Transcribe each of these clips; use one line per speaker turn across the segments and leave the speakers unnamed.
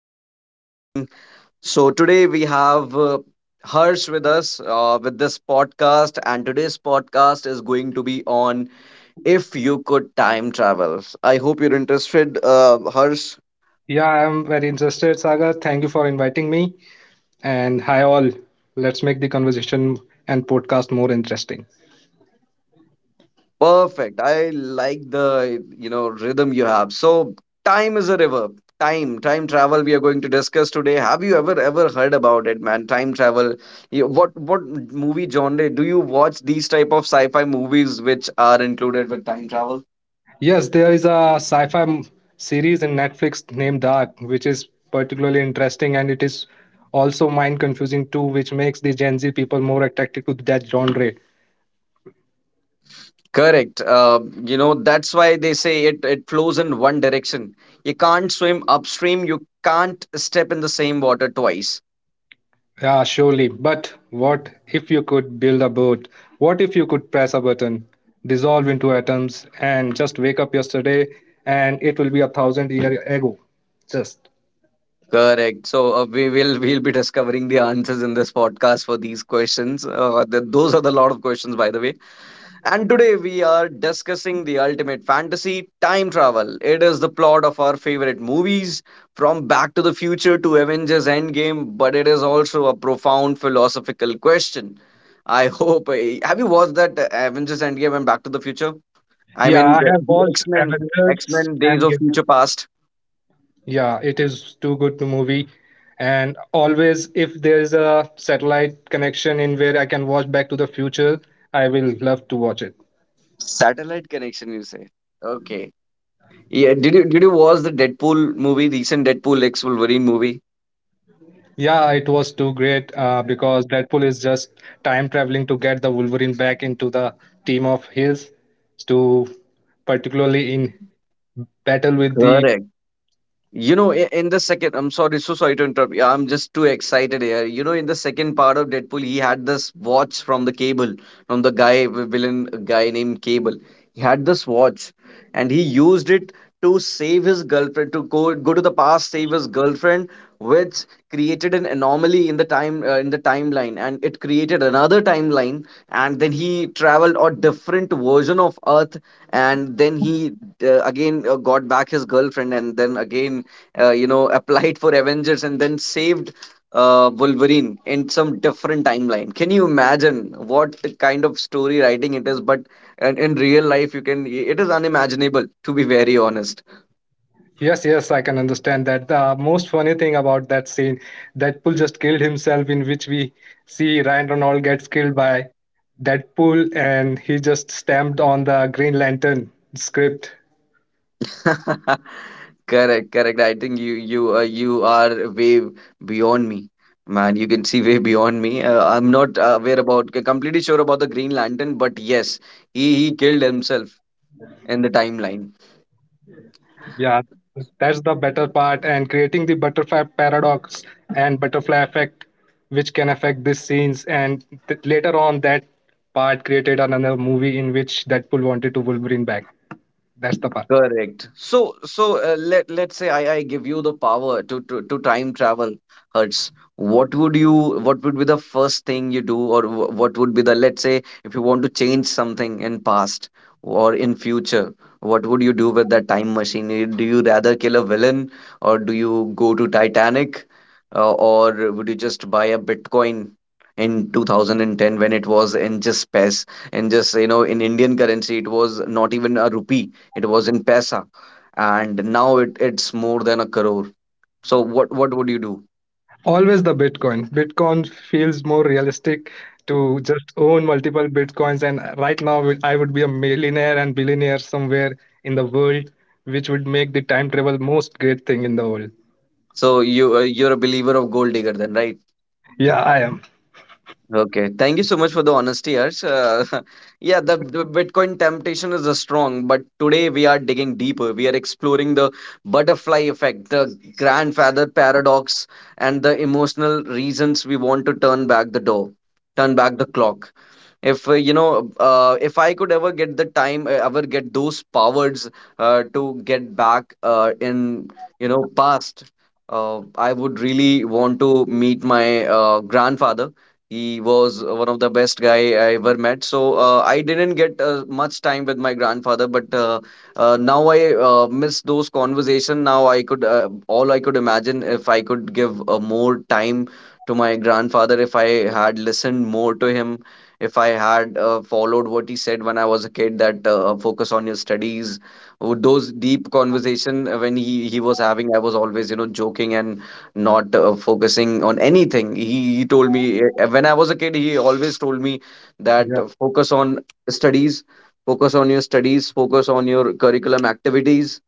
host for the evening. So, today we have Harsh with us with this podcast, and today's podcast is going to be on if you could time travel. I hope you're interested, Harsh.
Yeah, I'm very interested, Sagar. Thank you for inviting me. And hi, all. Let's make the conversation and podcast more interesting.
Perfect. I like the rhythm you have. So, time is a river. Time travel we are going to discuss today. Have you ever heard about it, man? Time travel. What movie genre do you watch these type of sci-fi movies which are included with time travel?
Yes, there is a sci fi series in Netflix named Dark, which is particularly interesting and it is also mind confusing too, which makes the Gen Z people more attracted to that genre.
Correct. You know, that's why they say it flows in one direction. You can't swim upstream, you can't step in the same water twice.
Yeah, surely. But what if you could build a boat? What if you could press a button, dissolve into atoms, and just wake up yesterday and it will be 1,000 year ago? Just.
Correct. So we'll be discovering the answers in this podcast for these questions. Those are the lot of questions, by the way. And today we are discussing the ultimate fantasy, time travel. It is the plot of our favorite movies, from Back to the Future to Avengers Endgame. But it is also a profound philosophical question. Have you watched that Avengers Endgame and Back to the Future? I
Yeah,
mean,
I
the
have
the
watched
X Men, X
Avengers
Men Days
and
of
Game.
Future Past.
Yeah, it is too good to movie. And always, if there is a satellite connection in where I can watch Back to the Future, I will love to watch it.
Satellite connection, you say? Okay. Yeah, did you watch the Deadpool movie, recent Deadpool X Wolverine movie?
Yeah, it was too great because Deadpool is just time traveling to get the Wolverine back into the team of his to particularly in battle with the.
Correct. You know, in the second, I'm sorry, so sorry to interrupt. Yeah, I'm just too excited here. You know, in the second part of Deadpool, he had this watch from the Cable, from the guy, villain guy named Cable. He had this watch, and he used it to save his girlfriend, to go to the past, save his girlfriend, which created an anomaly in the time in the timeline, and it created another timeline. And then he traveled a different version of Earth, and then he again got back his girlfriend, and then again applied for Avengers and then saved Wolverine in some different timeline. Can you imagine what kind of story writing it is? But in real life, you can, it is unimaginable, to be very honest.
Yes, yes, I can understand that the most funny thing about that scene, Deadpool just killed himself, in which we see Ryan Reynolds gets killed by Deadpool and he just stamped on the Green Lantern script.
Correct, correct. I think you are way beyond me. Man, you can see way beyond me. I'm not aware about, completely sure about the Green Lantern, but yes, he killed himself in the timeline.
Yeah, that's the better part, and creating the butterfly paradox and butterfly effect, which can affect these scenes. And later on, that part created another movie in which Deadpool wanted to Wolverine back. That's the part.
Correct. Let let's say I give you the power to, to time travel, Hertz. What would you? What would be the first thing you do, or what would be the, let's say, if you want to change something in past or in future, what would you do with that time machine? Do you rather kill a villain, or do you go to Titanic, or would you just buy a Bitcoin? In 2010, when it was in just paise, in just, you know, in Indian currency, it was not even a rupee, it was in pesa, and now it's more than a crore. So what would you do?
Always the Bitcoin. Bitcoin feels more realistic to just own multiple Bitcoins. And right now, I would be a millionaire and billionaire somewhere in the world, which would make the time travel most great thing in the world.
So you you're a believer of gold digger then, right?
Yeah, I am.
Okay, thank you so much for the honesty, Harsh. Yeah, the Bitcoin temptation is a strong, but today we are digging deeper. We are exploring the butterfly effect, the grandfather paradox, and the emotional reasons we want to turn back the door, turn back the clock. If if I could ever get the time, ever get those powers to get back in, you know, past, I would really want to meet my grandfather. He was one of the best guy I ever met. So I didn't get much time with my grandfather, but now I miss those conversation. Now I could, all I could imagine, if I could give more time to my grandfather, if I had listened more to him, if I had followed what he said when I was a kid, that focus on your studies. Would those deep conversation when he was having, I was always, you know, joking and not focusing on anything. He told me when I was a kid, he always told me that
Yeah.
focus on studies, focus on your studies, focus on your curriculum activities,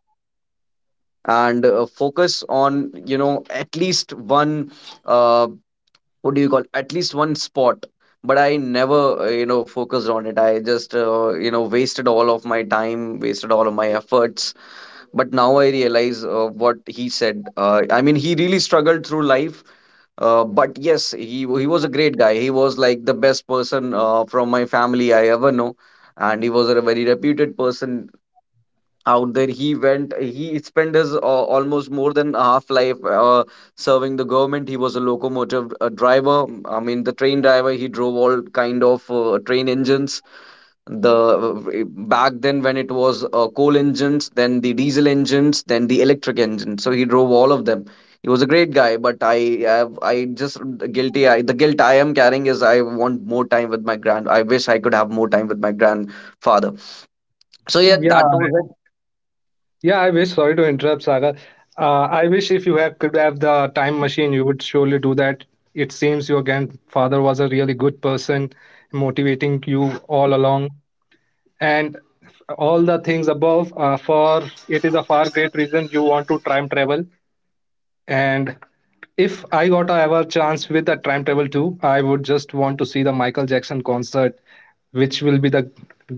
and focus on, you know, at least one, uh, what do you call, at least one spot, but I never focused on it. I just, wasted all of my time, wasted all of my efforts. But now I realize what he said. I mean, he really struggled through life. But yes, he was a great guy. He was like the best person from my family I ever know. And he was a very reputed person out there. He spent his almost more than half life serving the government. He was a locomotive driver. I mean, the train driver. He drove all kind of train engines, the back then when it was coal engines, then the diesel engines, then the electric engines. So he drove all of them. He was a great guy, but I have I just guilty I the guilt I am carrying is I want more time with my grand I wish I could have more time with my grandfather. So yeah,
Yeah,
that was it.
yeah, I wish. Sorry to interrupt, Saga. I wish if you have, could have the time machine, you would surely do that. It seems your grandfather was a really good person, motivating you all along, and all the things above. For it is a far great reason you want to time travel. And if I got a ever chance with a time travel too, I would just want to see the Michael Jackson concert, which will be the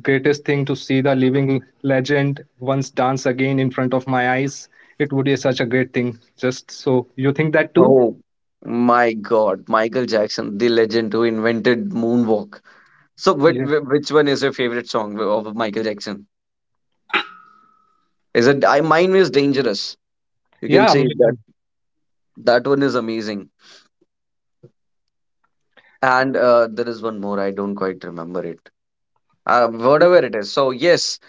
greatest thing to see the living legend once dance again in front of my eyes. It would be such a great thing. Just so you think that too?
Oh my God, Michael Jackson, the legend who invented moonwalk. So,
Yeah.
which one is your favorite song of Michael Jackson? Is it, I mine is dangerous. You can
Yeah, me
see that
too.
that one is amazing. And there is one more. I don't quite remember it. Whatever it is. So yes.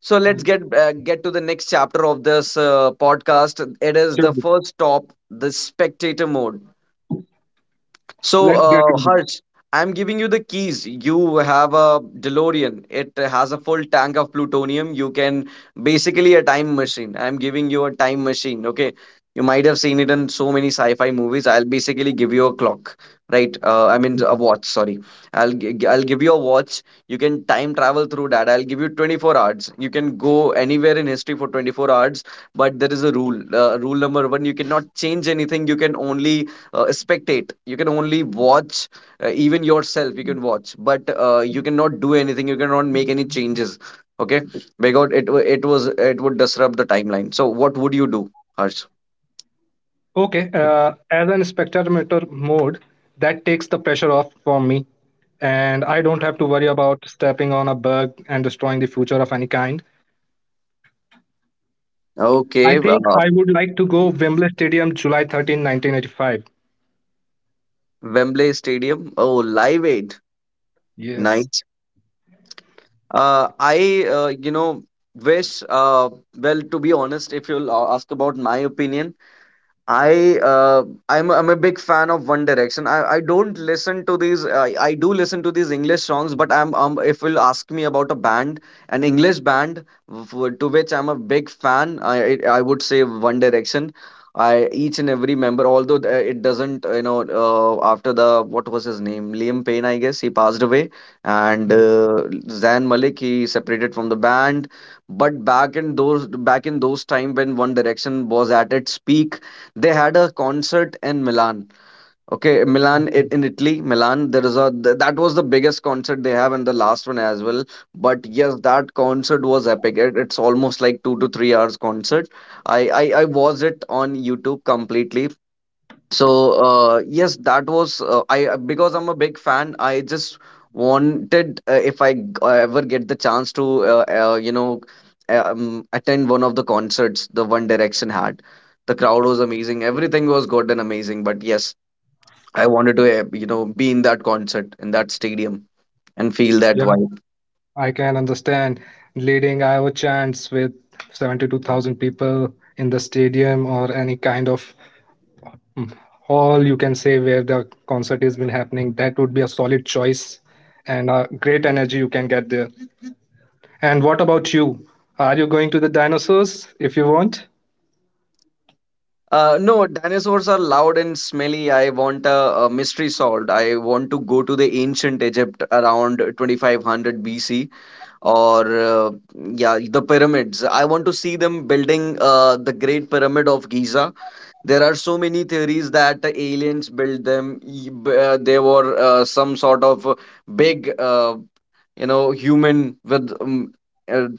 So
Yeah.
let's get to the next chapter of this podcast. It is
Sure.
the first stop, the spectator mode. So,
Let's get into.
Harsh, I'm giving you the keys. You have a DeLorean. It has a full tank of plutonium. You can basically a time machine. I'm giving you a time machine. Okay. You might have seen it in so many sci-fi movies. I'll basically give you a clock, right? I mean a watch. Sorry, I'll give you a watch. You can time travel through that. I'll give you 24 hours. You can go anywhere in history for 24 hours, but there is a rule. Rule number one: you cannot change anything. You can only spectate. You can only watch, even yourself you can watch, but you cannot do anything. You cannot make any changes. Okay. Because it wa- it was it would disrupt the timeline. So what would you do, harsh?
Okay, as an spectrometer mode, that takes the pressure off from me, and I don't have to worry about stepping on a bug and destroying the future of any kind. I
Okay,
think I would like to go Wembley Stadium, July 13th, 1985.
Wembley Stadium. Oh, Live Aid.
Yes,
Nice. I, you know, wish, Well, to be honest, if you'll ask about my opinion, I, I'm a big fan of One Direction. I don't listen to these. I do listen to these English songs, but I'm if you'll ask me about a band, an English band to which I'm a big fan, I would say One Direction. I each and every member, although it doesn't, you know, after the, what was his name, Liam Payne, I guess he passed away, and Zayn Malik he separated from the band. But back in those time when One Direction was at its peak, they had a concert in Milan. Okay, Milan it in Italy, Milan. There is a that was the biggest concert they have, and the last one as well. But yes, that concert was epic. It's almost like 2 to 3 hours concert. I watched it on YouTube completely. So yes, that was I because I'm a big fan. I just wanted, if I ever get the chance to, uh, you know attend one of the concerts the One Direction had. The crowd was amazing. Everything was good and amazing. But yes, I wanted to, you know, be in that concert in that stadium and feel
yeah,
that vibe.
I can understand leading Iowa chants with 72,000 people in the stadium or any kind of hall you can say where the concert has been happening. That would be a solid choice and a great energy you can get there. And what about you? Are you going to the dinosaurs if you want?
No, dinosaurs are loud and smelly. I want a mystery solved. I want to go to the ancient Egypt around 2500 BC or yeah, the pyramids. I want to see them building the great pyramid of giza. There are so many theories that the aliens built them, they were some sort of big, human with a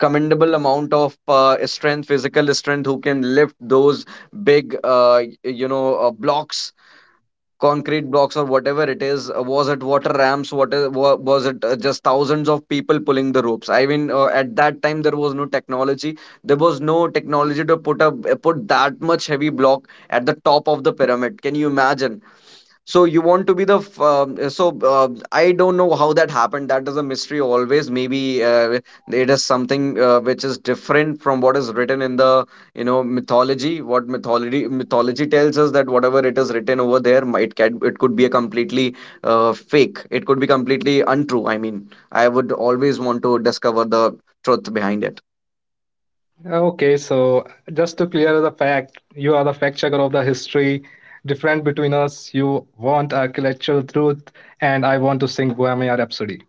commendable amount of strength, physical strength, who can lift those big, blocks, concrete blocks, or whatever it is. Uh, was it water ramps? Was it just thousands of people pulling the ropes? I mean, at that time there was no technology. There was no technology to put that much heavy block at the top of the pyramid. Can you imagine? So you want to be the f- so I don't know how that happened. That is a mystery always. Maybe it is something which is different from what is written in the, mythology. What mythology mythology tells us that whatever it is written over there, it can, it could be a completely fake. It could be completely untrue. I mean, I would always want to discover the truth behind it.
Okay, so just to clear the fact, you are the fact checker of the history. Different between us, you want architectural truth, and I want to sing Bohemian Rhapsody.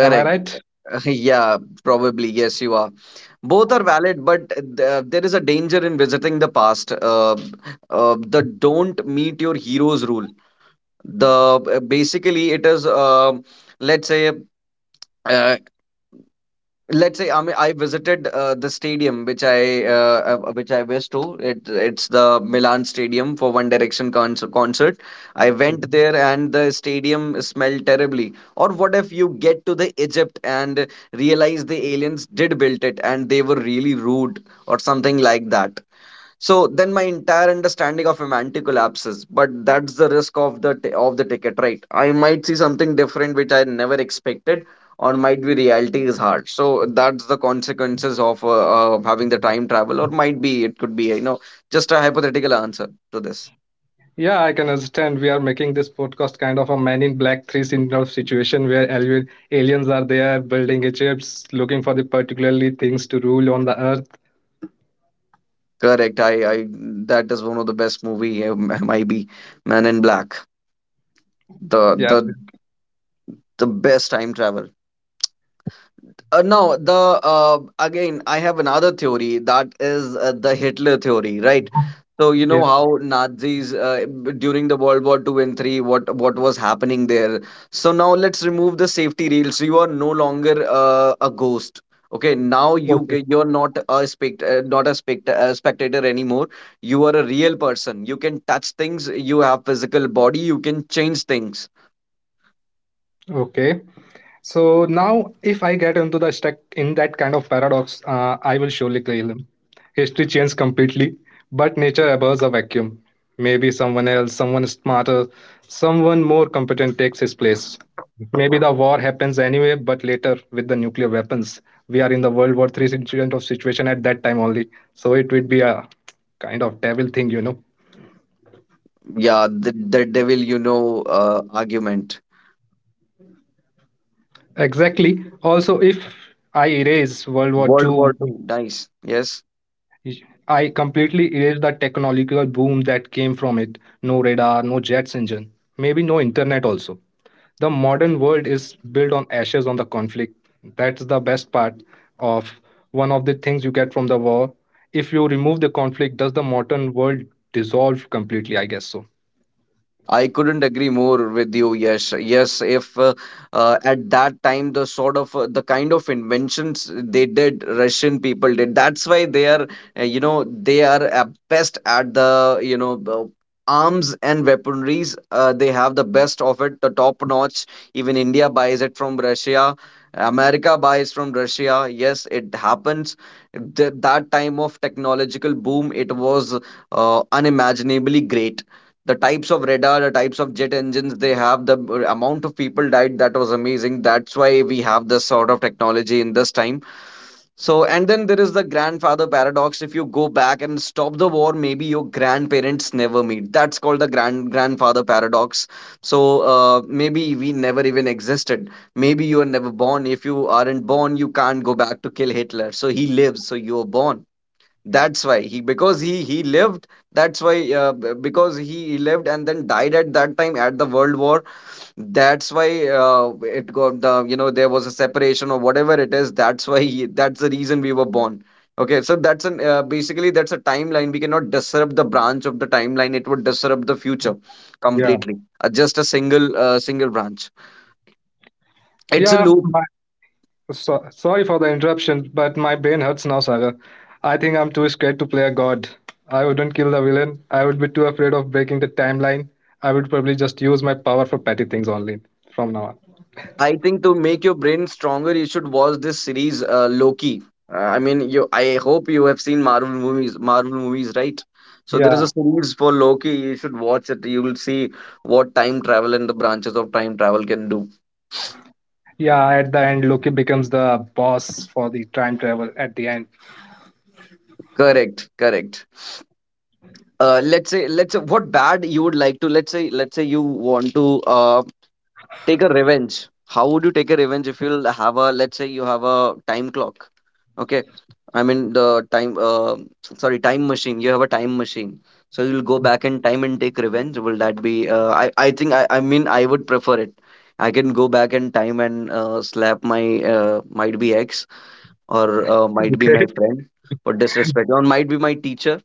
Am I right?
Yeah, probably. Yes, you are. Both are valid, but there is a danger in visiting the past. The don't meet your heroes rule. The basically it is, let's say, uh, let's say, I mean, I visited the stadium which I, which I wish to. It, it's the Milan Stadium for One Direction concert. I went there and the stadium smelled terribly. Or what if you get to the Egypt and realize the aliens did build it and they were really rude or something like that? So then my entire understanding of semantic collapses, but that's the risk of the ticket, right? I might see something different which I never expected, or might be reality is hard. So that's the consequences of having the time travel, or might be it could be, you know, just a hypothetical answer to this.
Yeah, I can understand. We are making this podcast kind of a Man in Black 3 syndrome situation where aliens are there building Egypts, looking for the particularly things to rule on the earth.
Correct. I, that is one of the best movie, might be Man in Black, the
Yeah,
the the best time travel. No, the again, I have another theory, that is the Hitler theory, right? So you
yeah,
know how Nazis, during the World War Two and Three, what was happening there. So now let's remove the safety rails. You are no longer a ghost. Okay, now
okay.
you're not a spect not a spectator anymore. You are a real person. You can touch things. You have physical body. You can change things.
Okay. So now, if I get into the stuck in that kind of paradox, I will surely kill him. History changes completely, but nature abhors a vacuum. Maybe someone else, someone smarter, someone more competent takes his place. Maybe the war happens anyway, but later with the nuclear weapons. We are in the World War III incident of situation at that time only. So it would be a kind of devil thing.
Yeah, the devil you know argument.
Exactly. Also, if I erase World War
World
Two.
War Two. Nice. Yes.
I completely erased the technological boom that came from it. No radar, no jets engine, maybe no internet also. The modern world is built on ashes on the conflict. That's the best part of one of the things you get from the war. If you remove the conflict, does the modern world dissolve completely? I guess so.
I couldn't agree more with you. Yes, yes. If at that time the sort of, the kind of inventions they did, Russian people did. That's why they are, you know, they are best at the, you know, the arms and weaponries. They have the best of it, the top notch. Even India buys it from Russia. America buys from Russia. Yes, it happens. That time of technological boom, it was unimaginably great, the types of radar, the types of jet engines they have, the amount of people died, that was amazing. That's why we have this sort of technology in this time. So, and then there is the grandfather paradox. If you go back and stop the war, maybe your grandparents never meet. That's called the grandfather paradox. So, maybe we never even existed. Maybe you were never born. If you aren't born, you can't go back to kill Hitler. So he lives, so you were born. That's why he, because he lived. That's why, because he lived and then died at that time at the World War. That's why, it got the, you know, there was a separation or whatever it is. That's why he, that's the reason we were born. Okay, so that's an, basically that's a timeline. We cannot disrupt the branch of the timeline. It would disrupt the future
Yeah.
completely. Just a single branch. It's a
Yeah.
loop.
So, sorry for the interruption, but my brain hurts now, Saga. I think I'm too scared to play a god. I wouldn't kill the villain. I would be too afraid of breaking the timeline. I would probably just use my power for petty things only from now on.
I think to make your brain stronger, you should watch this series, Loki. I mean, you. I hope you have seen Marvel movies. Marvel movies, right? So there
Yeah,
is a series for Loki. You should watch it. You will see what time travel and the branches of time travel can do.
yeah. At the end, Loki becomes the boss for the time travel. At the end,
Correct. Correct. Let's say, what bad you would like to. Let's say you want to take a revenge. How would you take a revenge if you'll have a, let's say you have a time clock, okay, I mean the time, sorry, time machine. You have a time machine, so you'll go back in time and take revenge. Will that be, I think I mean, I would prefer it. I can go back in time and slap my, might be ex, or might be my friend for disrespect, or might be my teacher.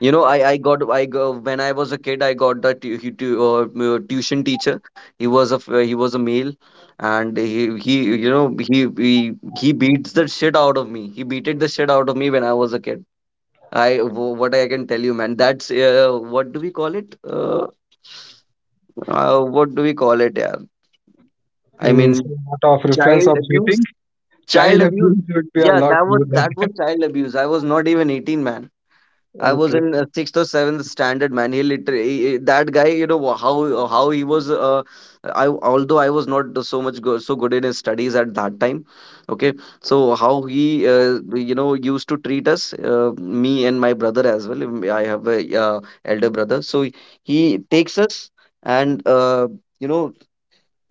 You know, I got I go, when I was a kid, I got that tu he tu tuition teacher. He was a he was a male, and he you know, he he beats the shit out of me. He beated the shit out of me when I was a kid. What I can tell you, man. That's, what do we call it? What do we call it? Yeah, I
in
mean,
sort of reference
child
of
abuse.
cheating,
Child
child
abuse.
abuse would be a
Yeah,
lot
that was
more than.
that was child abuse. I was not even 18, man. I was in sixth or seventh standard, man. He literally, that guy, you know how he was. I, although I was not so much go, so good in his studies at that time. Okay, so how he, you know, used to treat us, me and my brother as well. I have a, elder brother, so he takes us and, you know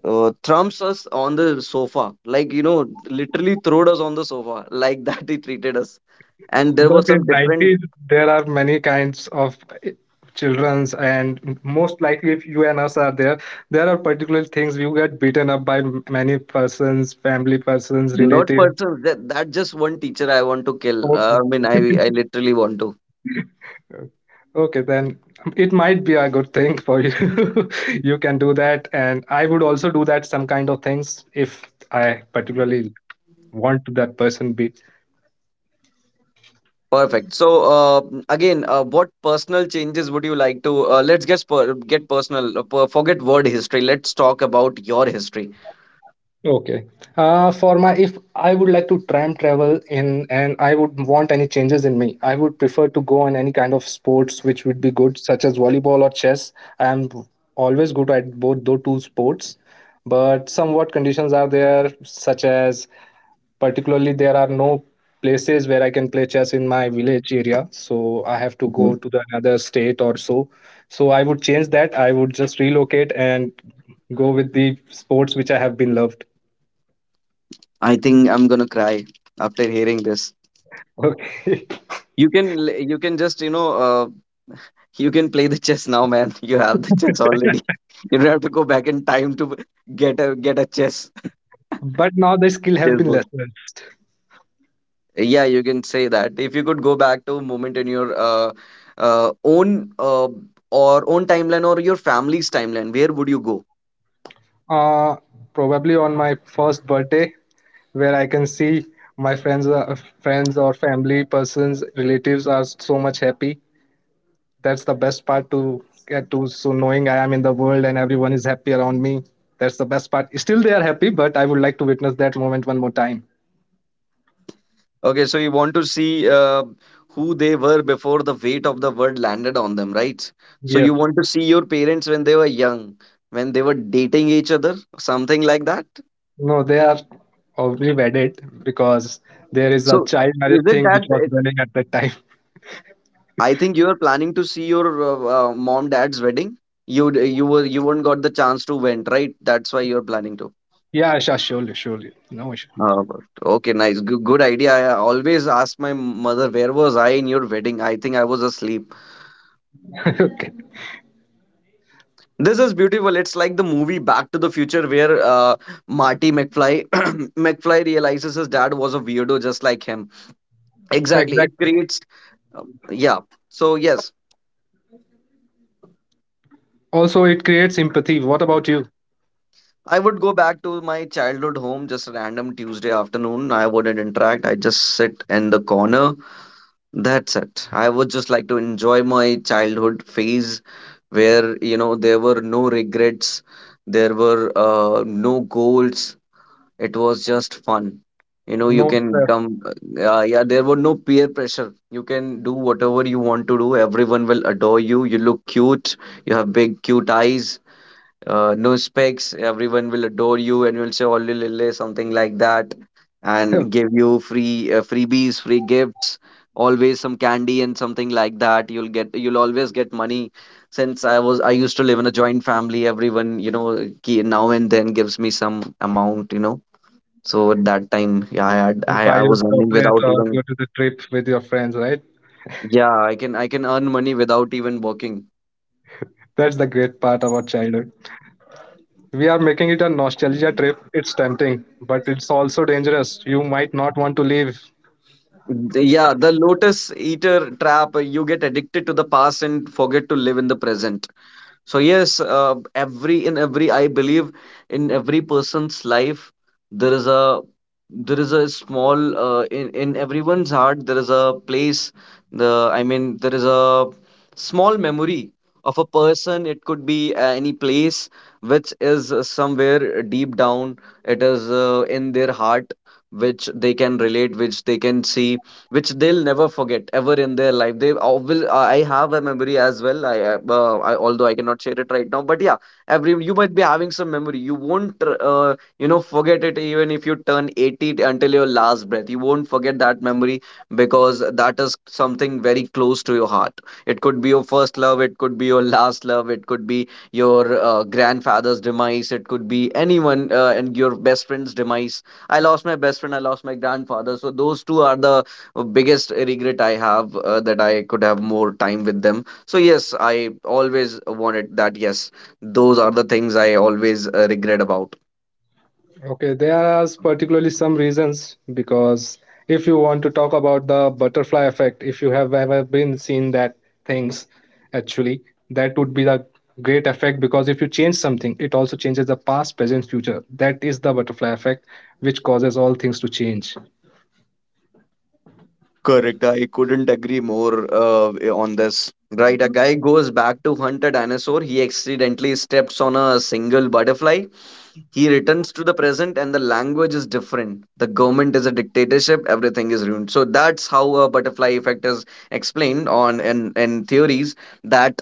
thrumps us on the sofa, like, you know, literally throwed us on the sofa like that. He treated us and there were
But
some
in
different.
90s, there are many kinds of eh, childrens, and most likely, if you and us are there, there are particular things you get beaten up by many persons, family persons,
Not
relatives.
persons. That just one teacher I want to kill.
Okay.
I mean, I literally want to.
Okay, then it might be a good thing for you. You can do that, and I would also do that some kind of things if I particularly want that person be.
Perfect. So, uh, again, what personal changes would you like to? Let's get personal. Per forget word history. Let's talk about your history.
Okay. For my, if I would like to time travel in and I would want any changes in me, I would prefer to go on any kind of sports which would be good, such as volleyball or chess. I am always good at both those two sports, but somewhat conditions are there, such as particularly there are no places where I can play chess in my village area, so I have to go
Mhm.
to the another state or so. So I would change that. I would just relocate and go with the sports which I have been loved.
I think I'm gonna cry after hearing this.
Okay.
You can just, you know, you can play the chess now, man. You have the chess already. You don't have to go back in time to get a chess
But now the skill has been
chessboard.
lessened.
Yeah, you can say that. If you could go back to a moment in your, own, or own timeline, or your family's timeline, where would you go?
Uh, Probably on my first birthday, where I can see my friends or family persons, relatives are so much happy. That's the best part to get to. So knowing I am in the world and everyone is happy around me, that's the best part. Still, they are happy, but I would like to witness that moment one more time.
Okay, so you want to see, who they were before the weight of the world landed on them, right? So
Yes.
you want to see your parents when they were young, when they were dating each other, something like that.
No, they are already wedded because there is a
So,
child marriage
is it
thing which
that,
was running at that time.
I think you are planning to see your, mom dad's wedding? You were, you weren't got the chance to went, right? That's why you're planning to.
Yeah, sure, surely, surely. No issue.
Uh, okay, nice. Good, good idea. I always ask my mother, where was I in your wedding? I think I was asleep.
Okay.
This is beautiful. It's like the movie Back to the Future where, Marty McFly McFly realizes his dad was a weirdo just like him. Exactly. It
Exactly.
creates, uh, yeah. So yes,
Also, it creates empathy. What about you?
I would go back to my childhood home just a random Tuesday afternoon. I wouldn't interact. I just sit in the corner. That's it. I would just like to enjoy my childhood phase where, you know, there were no regrets, there were no goals. It was just fun. You know, you
No
can
stress.
come. Yeah, there were no peer pressure. You can do whatever you want to do. Everyone will adore you. You look cute. You have big, cute eyes, no specs. Everyone will adore you and will say only lily, something like that, and give you free, freebies, free gifts, always some candy and something like that. You'll get, you'll always get money, since i used to live in a joint family. Everyone, you know, now and then gives me some amount, you know. So at that time, yeah, i had
You
I,
buy
I
your
was earning
chocolate
without
or
even,
go to the trip with your friends, right?
yeah, i can earn money without even working.
That's the great part about childhood. We are making it a nostalgia trip. It's tempting, but it's also dangerous. You might not want to leave.
Yeah, the lotus eater trap, you get addicted to the past and forget to live in the present. So yes, every, I believe, in every person's life there is a, there is a small, in everyone's heart, there is a place, the, I mean, there is a small memory of a person. It could be any place which is, somewhere deep down. It is, in their heart, which they can relate, which they can see, which they'll never forget ever in their life. They, will. I have a memory as well. I, I, although I cannot share it right now, but yeah, every, you might be having some memory. You won't, you know, forget it even if you turn 80 until your last breath. You won't forget that memory, because that is something very close to your heart. It could be your first love. It could be your last love. It could be your, grandfather's demise. It could be anyone, and your best friend's demise. I lost my best friend, I lost my grandfather. So those two are the, biggest regret I have, that I could have more time with them. So yes, I always wanted that. Yes, those are the things I always, regret about.
Okay, there are particularly some reasons because if you want to talk about the butterfly effect, if you have ever been seen that things, actually, that would be the great effect because if you change something, it also changes the past, present, future. That is the butterfly effect, which causes all things to change.
Correct. I couldn't agree more, on this. Right, a guy goes back to hunt a dinosaur. He accidentally steps on a single butterfly. He returns to the present, and the language is different. The government is a dictatorship. Everything is ruined. So that's how a butterfly effect is explained on, in theories that,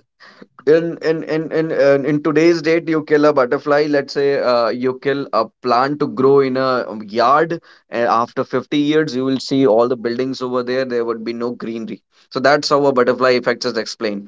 in today's date, you kill a butterfly, let's say, you kill a plant to grow in a, yard, and after 50 years you will see all the buildings over there, there would be no greenery. So that's how a butterfly effect is explained.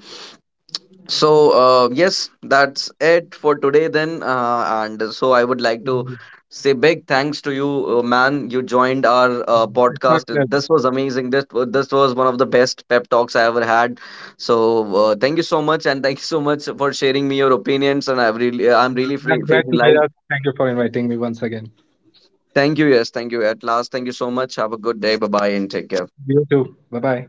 So, yes, that's it for today then. And so I would like to say big thanks to you, man. You joined our,
It's my
podcast.
pleasure.
This was amazing. This was one of the best pep talks I ever had. So, thank you so much, and thank you so much for sharing me your opinions. And I've really, I'm really free,
I'm glad
feeling
to be
light.
here. Thank you for inviting me once again.
Thank you. Yes, thank you. At last, thank you so much. Have a good day. Bye bye, and take care.
You too. Bye bye.